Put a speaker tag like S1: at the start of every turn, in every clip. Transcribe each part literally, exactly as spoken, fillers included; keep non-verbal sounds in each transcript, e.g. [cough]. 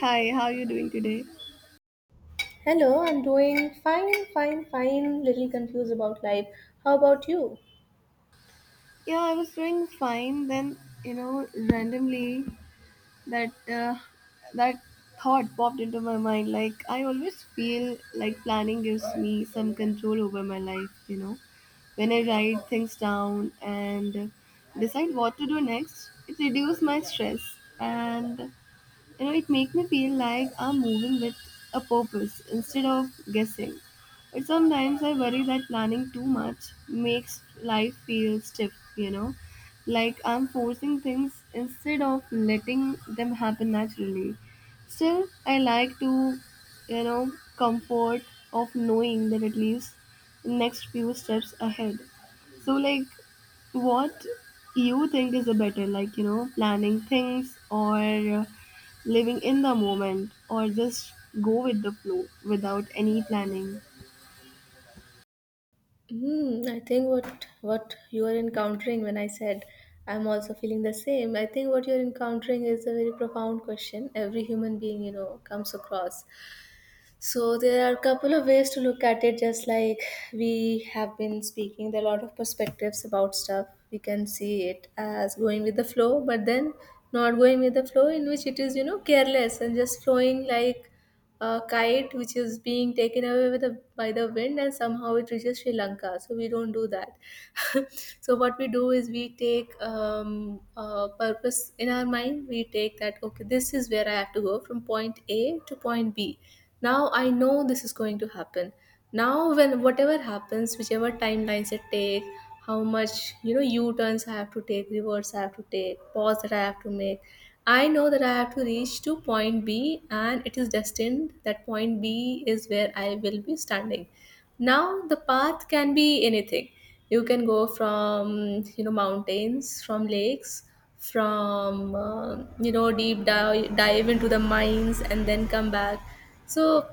S1: Hi, how are you doing today?
S2: Hello, I'm doing fine, fine, fine. Little confused about life. How about you?
S1: Yeah, I was doing fine. Then, you know, randomly that uh, that thought popped into my mind. Like I always feel like planning gives me some control over my life. You know, when I write things down and decide what to do next, it reduces my stress and You know, it makes me feel like I'm moving with a purpose instead of guessing. But sometimes I worry that planning too much makes life feel stiff, you know, like I'm forcing things instead of letting them happen naturally. Still, I like to, you know, comfort of knowing that at least next few steps ahead. So, like, what you think is a better, like, you know, planning things or living in the moment or just go with the flow without any planning.
S2: Hmm, I think what what you are encountering when I said I'm also feeling the same. I think what you're encountering is a very profound question. Every human being, you know, comes across. So there are a couple of ways to look at it. Just like we have been speaking, there are a lot of perspectives about stuff. We can see it as going with the flow, but then not going with the flow, in which it is, you know, careless and just flowing like a kite which is being taken away with the, by the wind and somehow it reaches Sri Lanka. So we don't do that. [laughs] So what we do is we take um, a purpose in our mind. We take that, okay, this is where I have to go from point A to point B. Now I know this is going to happen. Now when whatever happens, whichever timelines it take, how much, you know, U turns I have to take, reverse I have to take, pause that I have to make. I know that I have to reach to point B and it is destined that point B is where I will be standing. Now the path can be anything. You can go from, you know, mountains, from lakes, from uh, you know, deep dive, dive into the mines and then come back. So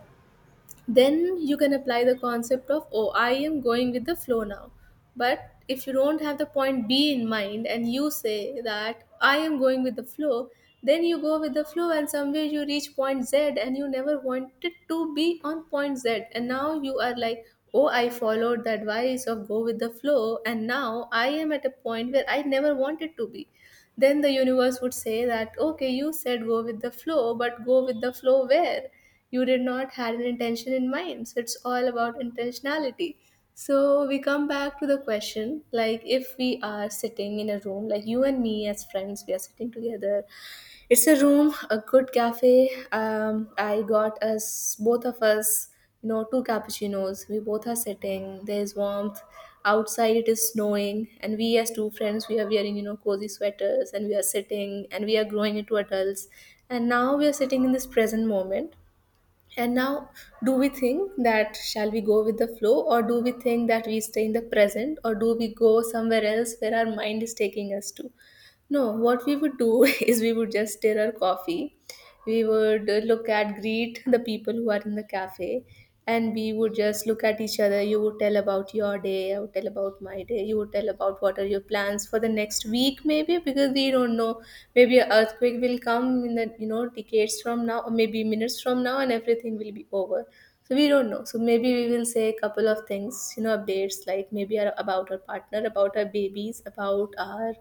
S2: then you can apply the concept of, oh, I am going with the flow now. But if you don't have the point B in mind and you say that I am going with the flow, then you go with the flow and somewhere you reach point Z and you never wanted to be on point Z, and now you are like, oh, I followed the advice of go with the flow and now I am at a point where I never wanted to be. Then the universe would say that, okay, you said go with the flow, but go with the flow where? You did not had an intention in mind. So it's all about intentionality. So we come back to the question, like, if we are sitting in a room, like you and me as friends we are sitting together, it's a room, a good cafe. Um, I got us, both of us, you know, two cappuccinos. We both are sitting. There's warmth. Outside it is snowing, and we as two friends, we are wearing, you know, cozy sweaters, and we are sitting, and we are growing into adults. And now we are sitting in this present moment. And now, do we think that shall we go with the flow, or do we think that we stay in the present, or do we go somewhere else where our mind is taking us to? No, what we would do [laughs] is we would just stir our coffee. We would uh, look at, greet the people who are in the cafe, and we would just look at each other. You would tell about your day, I would tell about my day, you would tell about what are your plans for the next week, maybe, because we don't know. Maybe an earthquake will come in the, you know, decades from now, or maybe minutes from now, and everything will be over. So we don't know. So maybe we will say a couple of things, you know, updates like maybe our, about our partner, about our babies, about our,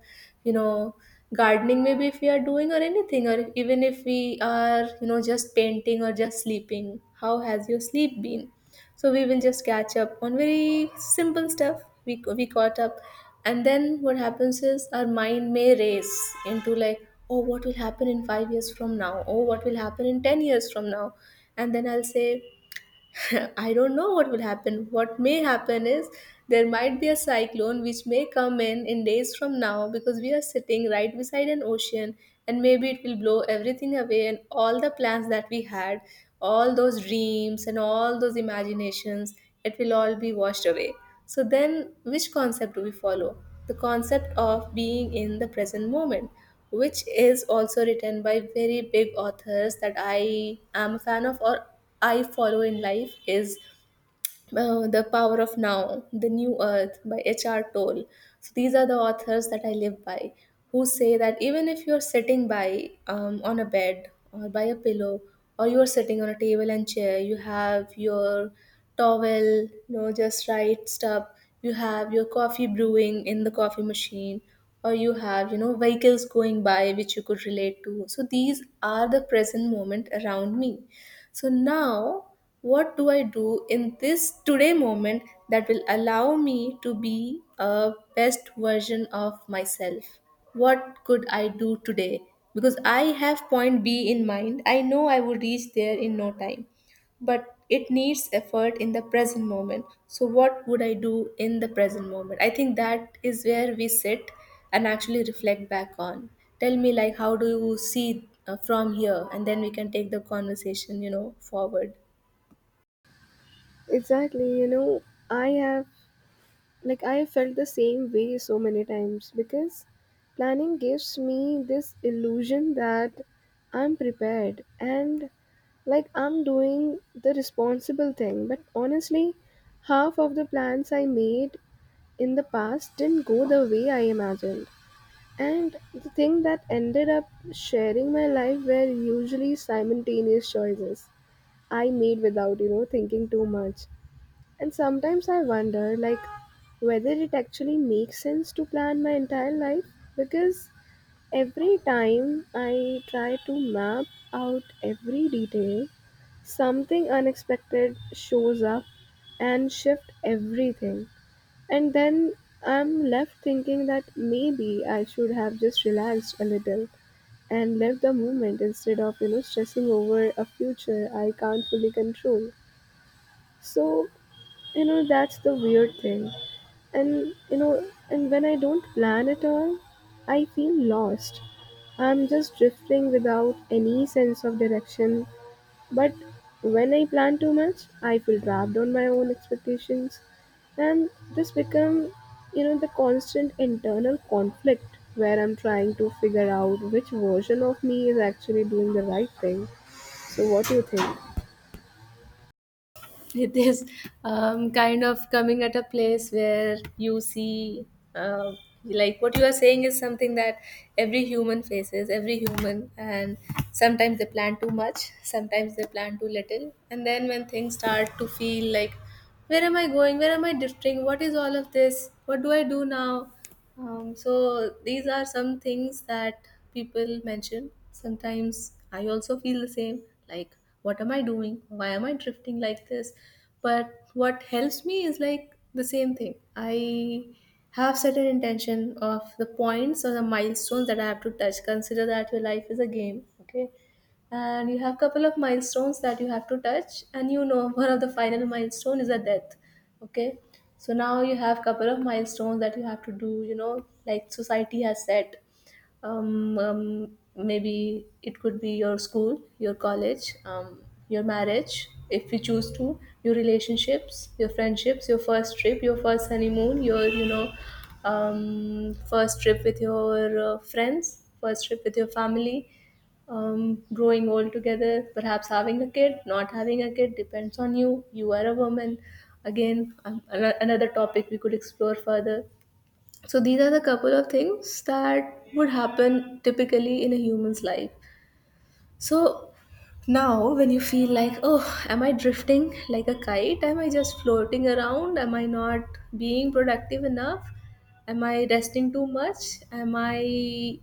S2: you know, gardening maybe if we are doing or anything or even if we are, you know, just painting or just sleeping. How has your sleep been? So we will just catch up on very simple stuff. We we caught up, and then what happens is our mind may race into, like, oh, what will happen in five years from now? Oh, what will happen in ten years from now? And then I'll say, [laughs] I don't know what will happen. What may happen is there might be a cyclone which may come in in days from now because we are sitting right beside an ocean and maybe it will blow everything away and all the plans that we had, all those dreams and all those imaginations, it will all be washed away. So then which concept do we follow? The concept of being in the present moment which is also written by very big authors that I am a fan of or I follow in life is uh, The Power of Now, The New Earth by H R. Toll. So these are the authors that I live by who say that even if you're sitting by um, on a bed or by a pillow or you're sitting on a table and chair, you have your towel, you know, just right stuff, you have your coffee brewing in the coffee machine or you have, you know, vehicles going by which you could relate to. So these are the present moment around me. So now, what do I do in this today moment that will allow me to be a best version of myself? What could I do today? Because I have point B in mind. I know I will reach there in no time but it needs effort in the present moment. So what would I do in the present moment? I think that is where we sit and actually reflect back on. Tell me, like, how do you see uh, from here, and then we can take the conversation you know forward.
S1: Exactly, you know, I have like I have felt the same way so many times because planning gives me this illusion that I'm prepared and like I'm doing the responsible thing. But honestly, half of the plans I made in the past didn't go the way I imagined. And the thing that ended up sharing my life were usually simultaneous choices I made without, you know, thinking too much. And sometimes I wonder, like, whether it actually makes sense to plan my entire life because every time I try to map out every detail, something unexpected shows up and shift everything and then I'm left thinking that maybe I should have just relaxed a little and lived the moment instead of, you know, stressing over a future I can't fully control. So, you know, that's the weird thing. And, you know, and when I don't plan at all, I feel lost. I'm just drifting without any sense of direction but when I plan too much, I feel trapped on my own expectations, and this become, you know, the constant internal conflict where I'm trying to figure out which version of me is actually doing the right thing. So, what do you think?
S2: It is um, kind of coming at a place where you see uh, like what you are saying is something that every human faces, every human. And sometimes they plan too much, sometimes they plan too little. And then when things start to feel like, where am I going, where am I drifting, what is all of this, what do I do now. Um, so these are some things that people mention. Sometimes I also feel the same, like, what am I doing? Why am I drifting like this? But what helps me is like the same thing. I have set an intention of the points or the milestones that I have to touch. Consider that your life is a game, okay? And you have couple of milestones that you have to touch, and, you know, [laughs] one of the final milestone is a death. Okay. So now you have couple of milestones that you have to do, you know, like society has set. um, um, Maybe it could be your school, your college, um, your marriage if you choose to, your relationships, your friendships, your first trip, your first honeymoon, your you know um, first trip with your uh, friends, first trip with your family, um, growing old together, perhaps having a kid, not having a kid, depends on you. You are a woman. Again, um, ano- another topic we could explore further. So these are the couple of things that would happen typically in a human's life. So now when you feel like, oh, am I drifting like a kite? Am I just floating around? Am I not being productive enough? Am I resting too much? Am I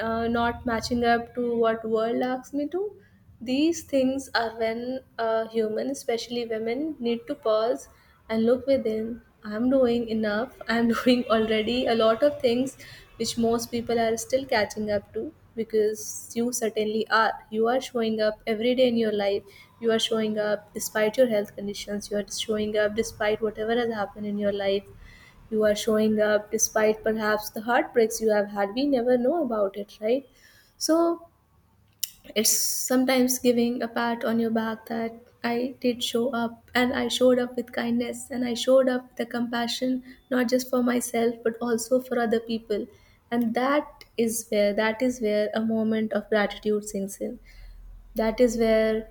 S2: uh, not matching up to what world asks me to? These things are when a human, especially women, need to pause and look within. I'm doing enough. I'm [laughs] doing already a lot of things which most people are still catching up to because you certainly are. You are showing up every day in your life. You are showing up despite your health conditions. You are showing up despite whatever has happened in your life. You are showing up despite perhaps the heartbreaks you have had. We never know about it, right? So it's sometimes giving a pat on your back that I did show up and I showed up with kindness and I showed up with the compassion not just for myself but also for other people. And that is where that is where a moment of gratitude sinks in. That is where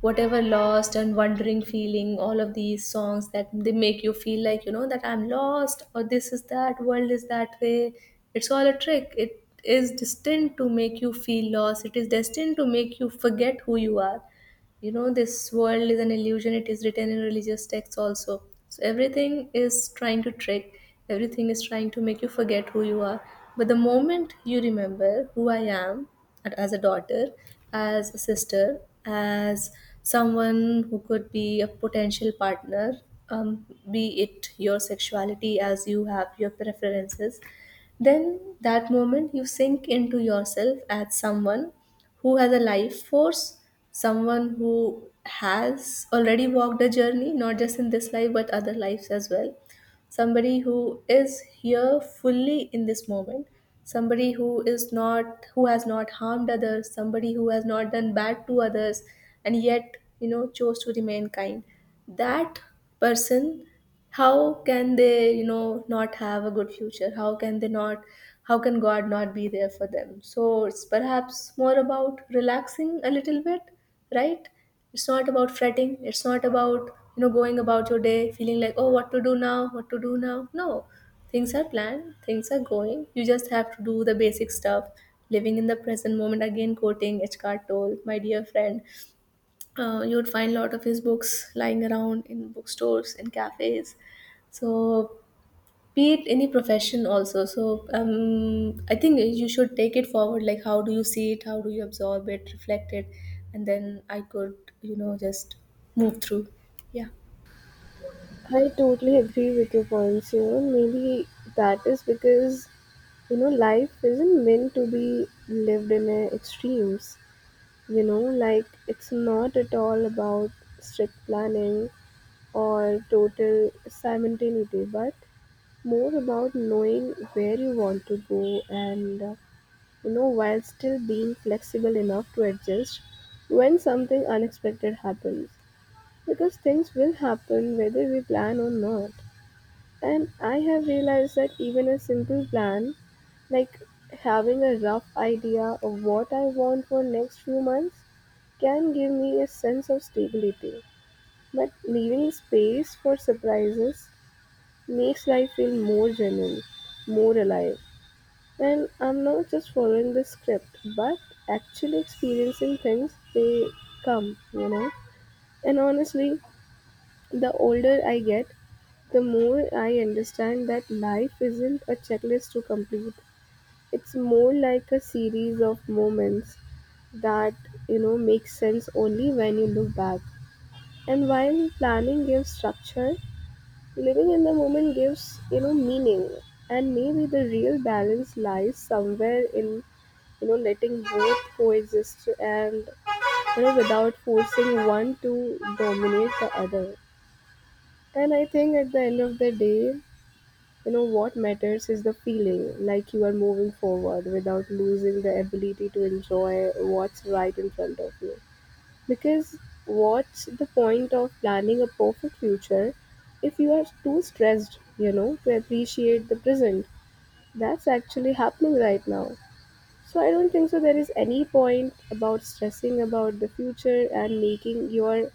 S2: whatever lost and wandering feeling, all of these songs that they make you feel like, you know that I'm lost or this is that, world is that way. It's all a trick. It is destined to make you feel lost. It is destined to make you forget who you are. You know, this world is an illusion, it is written in religious texts also. So everything is trying to trick, everything is trying to make you forget who you are. But the moment you remember who I am, and as a daughter, as a sister, as someone who could be a potential partner, um, be it your sexuality as you have your preferences, then that moment you sink into yourself as someone who has a life force, someone who has already walked a journey, not just in this life but other lives as well, somebody who is here fully in this moment, somebody who is not, who has not harmed others, somebody who has not done bad to others, and yet you know chose to remain kind. That person, how can they you know not have a good future? How can they not, how can God not be there for them? So it's perhaps more about relaxing a little bit, right? It's not about fretting, it's not about, you know going about your day feeling like, oh, what to do now, what to do now. No, things are planned, things are going, you just have to do the basic stuff. Living in the present moment, again quoting H Toll, my dear friend, uh, you would find a lot of his books lying around in bookstores, in cafes. So be it any profession also. So um, I think you should take it forward, like how do you see it, how do you absorb it, reflect it, and then I could you know just move through. Yeah.
S1: I totally agree with your points here. Maybe that is because you know life isn't meant to be lived in uh, extremes. You know, like it's not at all about strict planning or total simultaneity, but more about knowing where you want to go and uh, you know while still being flexible enough to adjust when something unexpected happens because things will happen whether we plan or not, and I have realized that even a simple plan, like having a rough idea of what I want for next few months, can give me a sense of stability, but leaving space for surprises makes life feel more genuine, more alive. And I'm not just following the script, but actually experiencing things they come, you know. And honestly, the older I get, the more I understand that life isn't a checklist to complete. It's more like a series of moments that, you know, make sense only when you look back. And while planning gives structure, living in the moment gives, you know, meaning. And maybe the real balance lies somewhere in, you know, letting both coexist and, you know, without forcing one to dominate the other. And I think at the end of the day, you know, what matters is the feeling, like you are moving forward without losing the ability to enjoy what's right in front of you. Because what's the point of planning a perfect future if you are too stressed, you know, to appreciate the present? That's actually happening right now. So I don't think so there is any point about stressing about the future and making your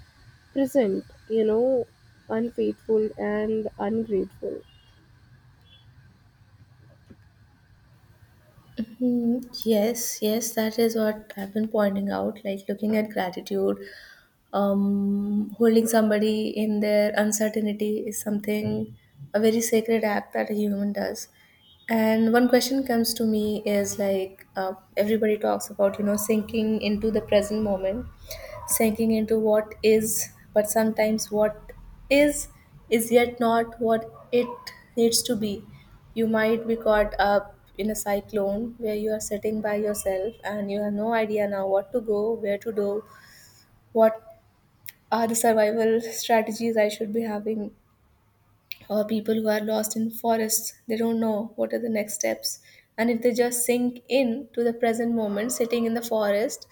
S1: present, you know, unfaithful and ungrateful.
S2: Mhm. Yes, yes, that is what I've been pointing out. Like, looking at gratitude, um, holding somebody in their uncertainty is something, a very sacred act that a human does. And one question comes to me is like, uh, everybody talks about, you know, sinking into the present moment, sinking into what is, but sometimes what is is yet not what it needs to be. You might be caught up in a cyclone where you are sitting by yourself and you have no idea now what to go, where to do, what are the survival strategies I should be having, or people who are lost in forests, they don't know what are the next steps. And if they just sink in to the present moment sitting in the forest,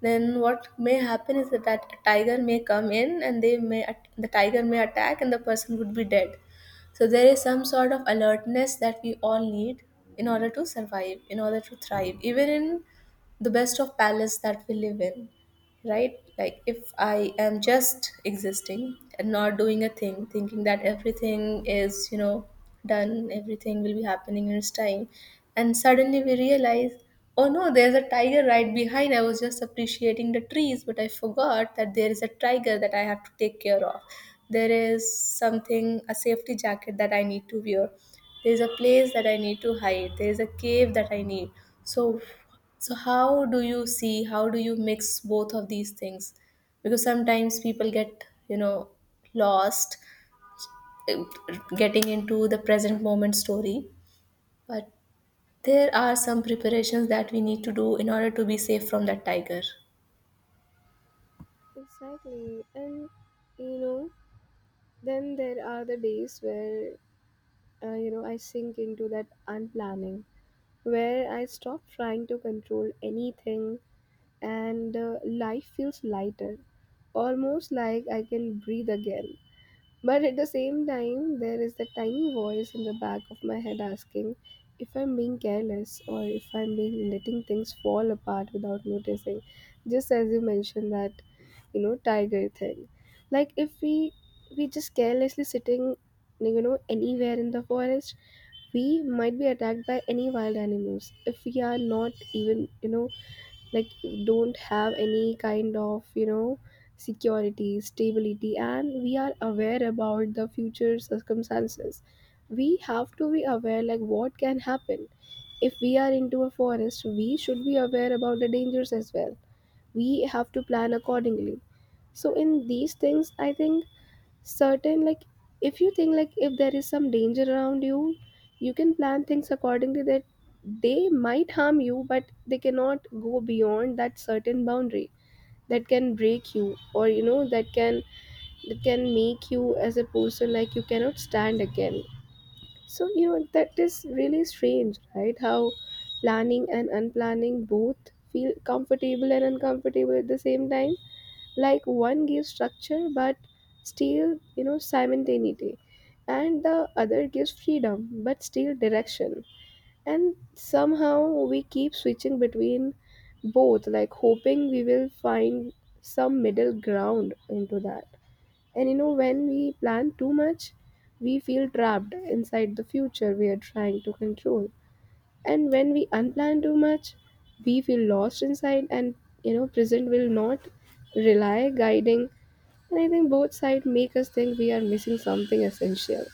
S2: then what may happen is that, that a tiger may come in and they may at- the tiger may attack and the person would be dead. So there is some sort of alertness that we all need in order to survive, in order to thrive even in the best of palace that we live in, right? Like if I am just existing and not doing a thing, thinking that everything is, you know, done, everything will be happening in its time, and suddenly we realize, oh no, there's a tiger right behind. I was just appreciating the trees, but I forgot that there is a tiger that I have to take care of. There is something, a safety jacket that I need to wear, there's a place that I need to hide, there's a cave that I need. So so how do you see, how do you mix both of these things? Because sometimes people get, you know, lost eh, getting into the present moment story, but there are some preparations that we need to do in order to be safe from that tiger.
S1: Exactly. And you know, then there are the days where uh, you know I sink into that unplanning where I stop trying to control anything and uh, life feels lighter, almost like I can breathe again. But at the same time, there is the tiny voice in the back of my head asking if I'm being careless or if I'm being letting things fall apart without noticing. Just as you mentioned that you know tiger thing, like if we we just carelessly sitting you know anywhere in the forest, we might be attacked by any wild animals if we are not even you know like don't have any kind of you know security stability and we are aware about the future circumstances. We have to be aware like what can happen if we are into a forest. We should be aware about the dangers as well. We have to plan accordingly. So in these things I think certain, like if you think like if there is some danger around you, you can plan things accordingly, that they might harm you but they cannot go beyond that certain boundary that can break you or you know that can, that can make you as a person like you cannot stand again. So you know that is really strange, right? How planning and unplanning both feel comfortable and uncomfortable at the same time, like one gives structure but still you know simultaneity, and the other gives freedom but still direction. And somehow we keep switching between both, like hoping we will find some middle ground into that. And you know when we plan too much, we feel trapped inside the future we are trying to control, and when we unplan too much, we feel lost inside, and you know present will not rely guiding. And I think both sides make us think we are missing something essential.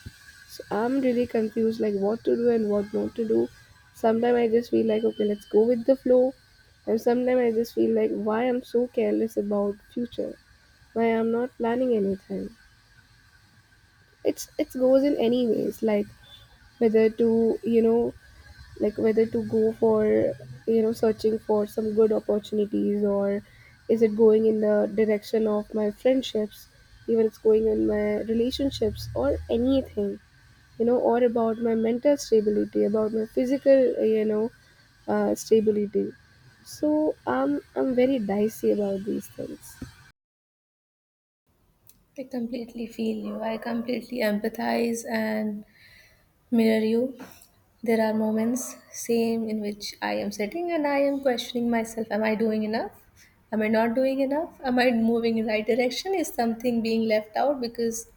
S1: So I'm really confused like what to do and what not to do. Sometimes I just feel like okay, let's go with the flow. And sometimes I just feel like why I'm so careless about future. Why I'm not planning anything. It's, it goes in any ways, like whether to, you know, like whether to go for you know searching for some good opportunities, or is it going in the direction of my friendships, even it's going in my relationships or anything you know, or about my mental stability, about my physical you know uh, stability. So i'm i'm very dicey about these things.
S2: I completely feel you. I completely empathize and mirror you. There are moments, same, in which I am sitting and I am questioning myself, am I doing enough? Am I not doing enough? Am I moving in right direction? Is something being left out? Because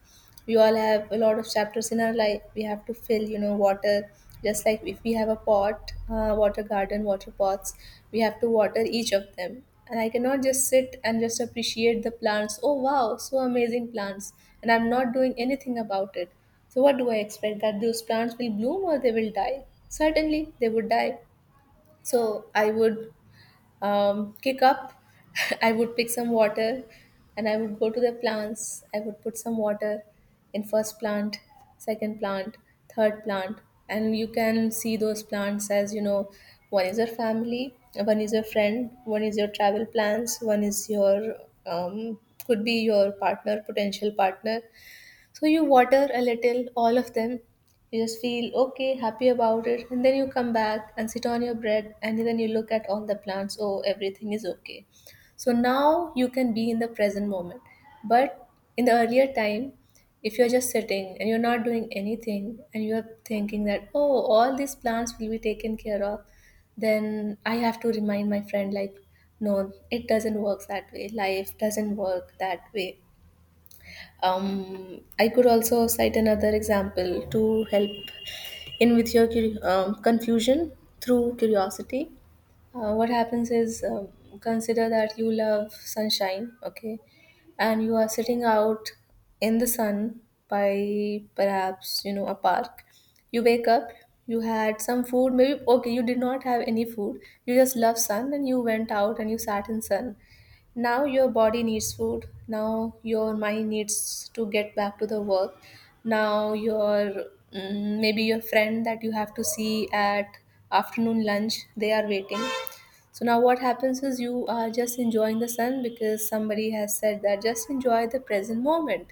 S2: we all have a lot of chapters in our life, we have to fill, you know, water. Just like if we have a pot, uh, water garden, water pots, we have to water each of them. And I cannot just sit and just appreciate the plants, oh wow, so amazing plants, and I'm not doing anything about it. So what do I expect, that those plants will bloom? Or they will die, certainly they would die. So I would um, kick up. [laughs] I would pick some water and I would go to the plants. I would put some water in first plant, second plant, third plant. And you can see those plants as, you know, one is your family, one is your friend, one is your travel plans, one is your um, could be your partner, potential partner. So you water a little, all of them. You just feel okay, happy about it, and then you come back and sit on your bread, and then you look at all the plants. Oh, everything is okay. So now you can be in the present moment. But in the earlier time, if you're just sitting and you're not doing anything, and you're thinking that, oh, all these plants will be taken care of, then I have to remind my friend, like, no, it doesn't work that way. Life doesn't work that way. um, I could also cite another example to help in with your curi- um, confusion through curiosity. uh, what happens is, um, consider that you love sunshine, okay? And you are sitting out in the sun by perhaps, you know, a park. You wake up, you had some food, maybe, okay, you did not have any food, you just love sun and you went out and you sat in sun. Now your body needs food, now your mind needs to get back to the work, now your, mm, maybe your friend that you have to see at afternoon lunch, they are waiting. So now what happens is you are just enjoying the sun because somebody has said that just enjoy the present moment.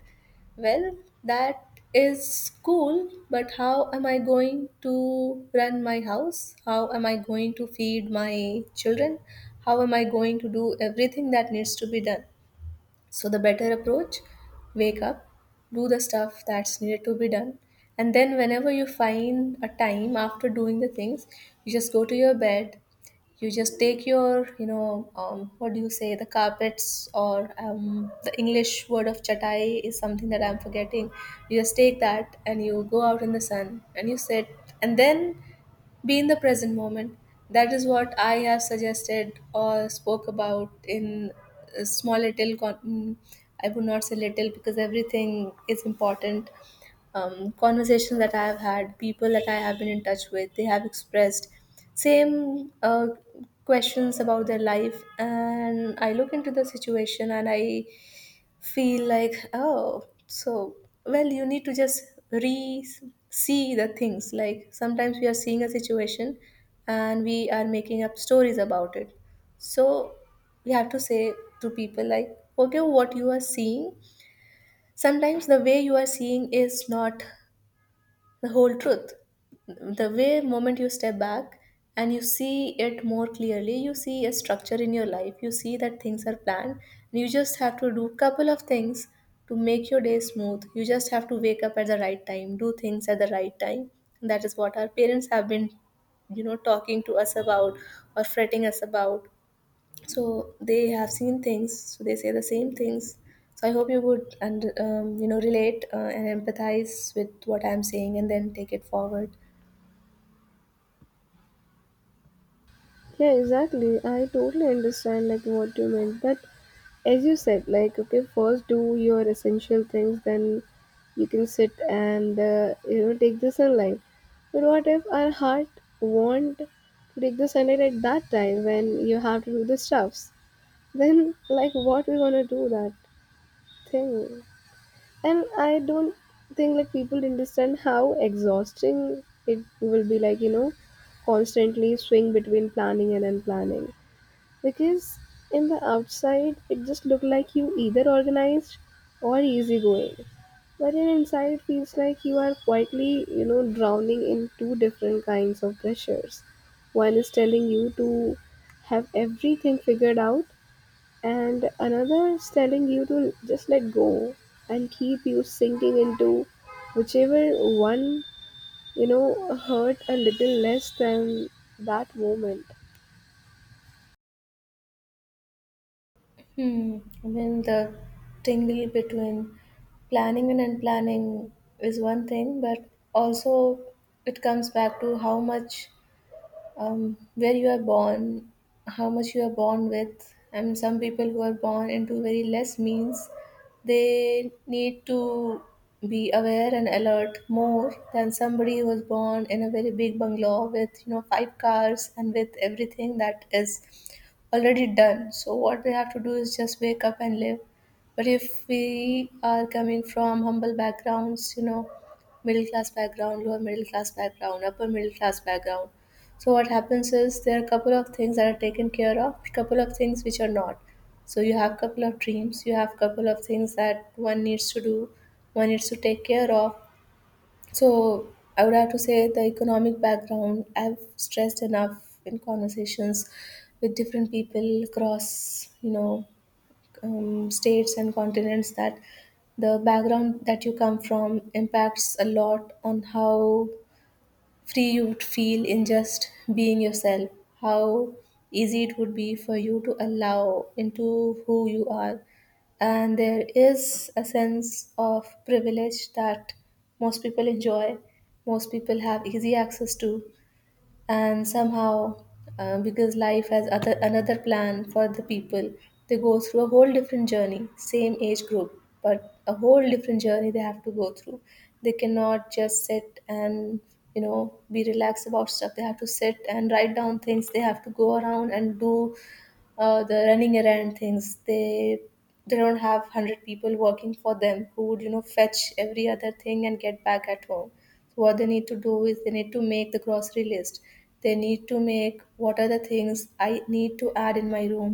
S2: Well, that is cool, but how am I going to run my house? How am I going to feed my children? How am I going to do everything that needs to be done? So, the better approach, wake up, do the stuff that's needed to be done, and then whenever you find a time after doing the things, you just go to your bed. You just take your, you know, um, what do you say, the carpets or um, the English word of chatai is something that I'm forgetting. You just take that and you go out in the sun and you sit, and then be in the present moment. That is what I have suggested or spoke about in uh, small little. Con- mm, I would not say little because everything is important. Um, conversations that I have had, people that I have been in touch with, they have expressed same uh, questions about their life, and I look into the situation and I feel like, oh, so well, you need to just re see the things. Like, sometimes we are seeing a situation and we are making up stories about it. So we have to say to people, like, okay, what you are seeing, sometimes the way you are seeing is not the whole truth. The way moment you step back and you see it more clearly, you see a structure in your life, you see that things are planned and you just have to do couple of things to make your day smooth. You just have to wake up at the right time, do things at the right time. And that is what our parents have been, you know, talking to us about, or fretting us about. So they have seen things, so they say the same things. So I hope you would, and um, you know, relate uh, and empathize with what I'm saying and then take it forward.
S1: Yeah, exactly. I totally understand like what you meant, but as you said, like okay, first do your essential things, then you can sit and uh, you know take the sunlight. But what if our heart want to take the sunlight at that time when you have to do the stuffs? Then like what we gonna do that thing? And I don't think like people understand how exhausting it will be, like you know constantly swing between planning and unplanning, because in the outside, it just looked like you either organized or easygoing. But in inside, it feels like you are quietly, you know, drowning in two different kinds of pressures. One is telling you to have everything figured out, and another is telling you to just let go and keep you sinking into whichever one, you know, hurt a little less than that moment.
S2: Hmm. I mean, the tingle between planning and unplanning is one thing, but also it comes back to how much, um, where you are born, how much you are born with. And some people who are born into very less means, they need to be aware and alert more than somebody who was born in a very big bungalow with, you know, five cars and with everything that is already done. So what we have to do is just wake up and live. But if we are coming from humble backgrounds, you know, middle class background, lower middle class background, upper middle class background. So what happens is there are a couple of things that are taken care of, couple of things which are not. So you have couple of dreams, you have couple of things that one needs to do, one needs to take care of. So I would have to say the economic background, I've stressed enough in conversations with different people across, you know, um, states and continents, that the background that you come from impacts a lot on how free you would feel in just being yourself, how easy it would be for you to allow into who you are. And there is a sense of privilege that most people enjoy, most people have easy access to. And somehow uh, because life has other another plan for the people, they go through a whole different journey, same age group but a whole different journey they have to go through. They cannot just sit and, you know, be relaxed about stuff. They have to sit and write down things, they have to go around and do uh, the running around things. They they don't have one hundred people working for them who would, you know, fetch every other thing and get back at home. What they need to do is they need to make the grocery list, they need to make what are the things I need to add in my room,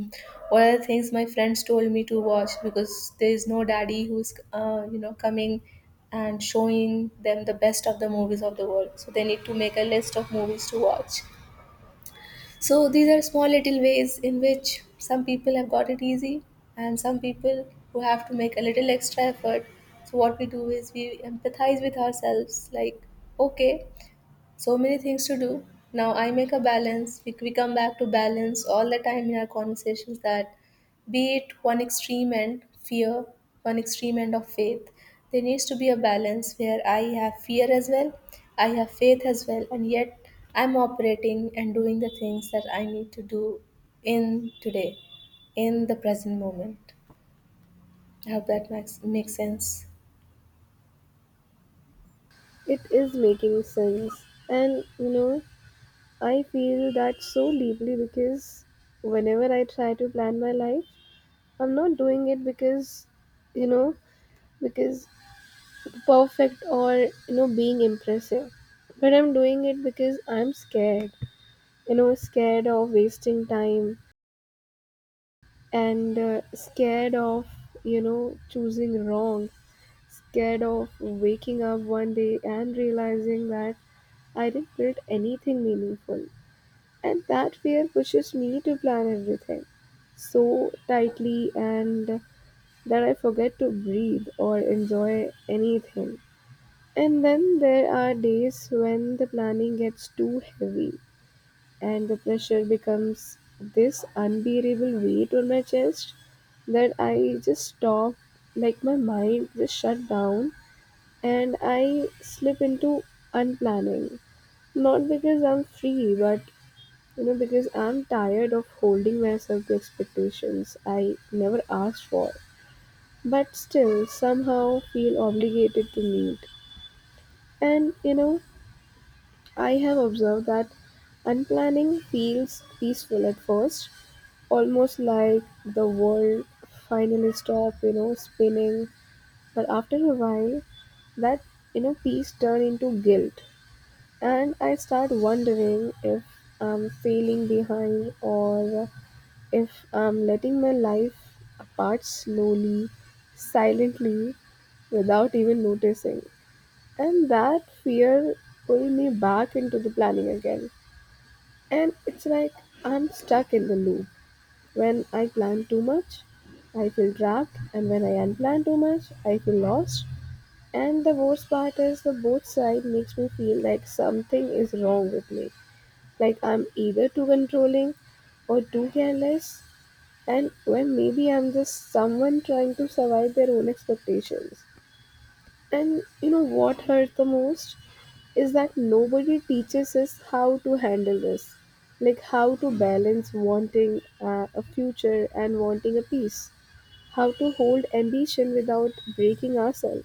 S2: what are the things my friends told me to watch, because there is no daddy who's, uh, you know, coming and showing them the best of the movies of the world, so they need to make a list of movies to watch. So these are small little ways in which some people have got it easy, and some people who have to make a little extra effort. So what we do is we empathize with ourselves, like, okay, so many things to do. Now I make a balance. We, we come back to balance all the time in our conversations. That be it one extreme end fear, one extreme end of faith, there needs to be a balance where I have fear as well, I have faith as well, and yet I'm operating and doing the things that I need to do in today, in the present moment. I hope that makes, makes sense.
S1: It is making sense. And you know, I feel that so deeply because whenever I try to plan my life, I'm not doing it because, you know, because perfect or, you know, being impressive. But I'm doing it because I'm scared. You know, scared of wasting time and uh, scared of, you know, choosing wrong. Scared of waking up one day and realizing that I didn't build anything meaningful. And that fear pushes me to plan everything so tightly and that I forget to breathe or enjoy anything. And then there are days when the planning gets too heavy and the pressure becomes this unbearable weight on my chest that I just stop, like my mind just shut down and I slip into unplanning. Not because I'm free, but you know, because I'm tired of holding myself to expectations I never asked for, but still somehow feel obligated to meet. And you know, I have observed that unplanning feels peaceful at first, almost like the world finally stopped, you know, spinning. But after a while, that you know peace turn into guilt and I start wondering if I'm failing behind, or if I'm letting my life apart slowly, silently, without even noticing. And that fear pulled me back into the planning again. And it's like I'm stuck in the loop. When I plan too much, I feel trapped, and when I unplan too much, I feel lost. And the worst part is the both side makes me feel like something is wrong with me. Like I'm either too controlling or too careless, and well maybe I'm just someone trying to survive their own expectations. And you know what hurt the most is that nobody teaches us how to handle this, like how to balance wanting uh, a future and wanting a peace, how to hold ambition without breaking ourselves,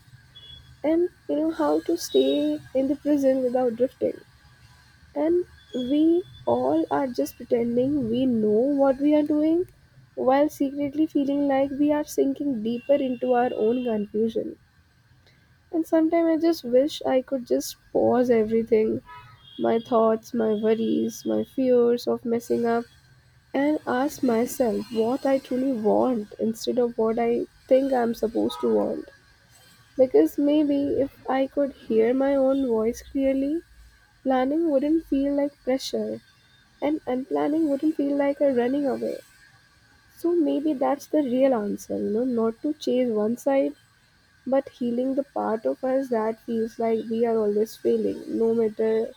S1: and you know how to stay in the prison without drifting. And we all are just pretending we know what we are doing while secretly feeling like we are sinking deeper into our own confusion. And sometimes I just wish I could just pause everything, my thoughts, my worries, my fears of messing up, and ask myself what I truly want instead of what I think I'm supposed to want. Because maybe if I could hear my own voice clearly, planning wouldn't feel like pressure and unplanning wouldn't feel like a running away. So maybe that's the real answer, you know, not to chase one side, but healing the part of us that feels like we are always failing, no matter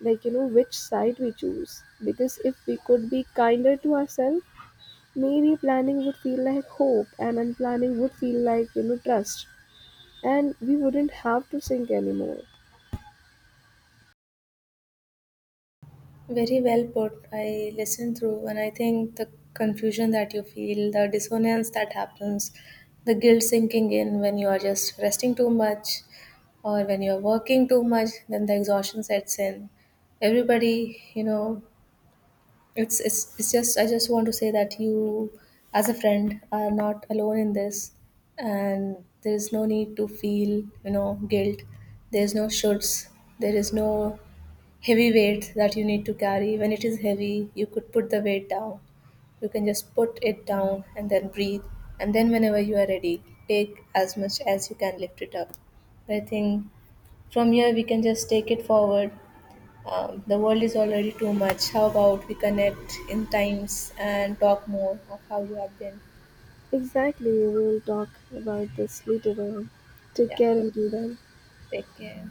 S1: like you know which side we choose. Because if we could be kinder to ourselves, maybe planning would feel like hope and unplanning would feel like, you know, trust. And we wouldn't have to sink anymore.
S2: Very well put. I listened through, and I think the confusion that you feel, the dissonance that happens, the guilt sinking in when you are just resting too much or when you are working too much, then the exhaustion sets in. Everybody, you know, it's, it's it's just, I just want to say that you, as a friend, are not alone in this, and there is no need to feel, you know, guilt. There is no shoulds. There is no heavy weight that you need to carry. When it is heavy, you could put the weight down. You can just put it down and then breathe. And then whenever you are ready, take as much as you can, lift it up. I think from here we can just take it forward. uh, the world is already too much. How about we connect in times and talk more of how you have been?
S1: Exactly, we will talk about this later on. Take
S2: Yeah,
S1: care until then.
S2: take care.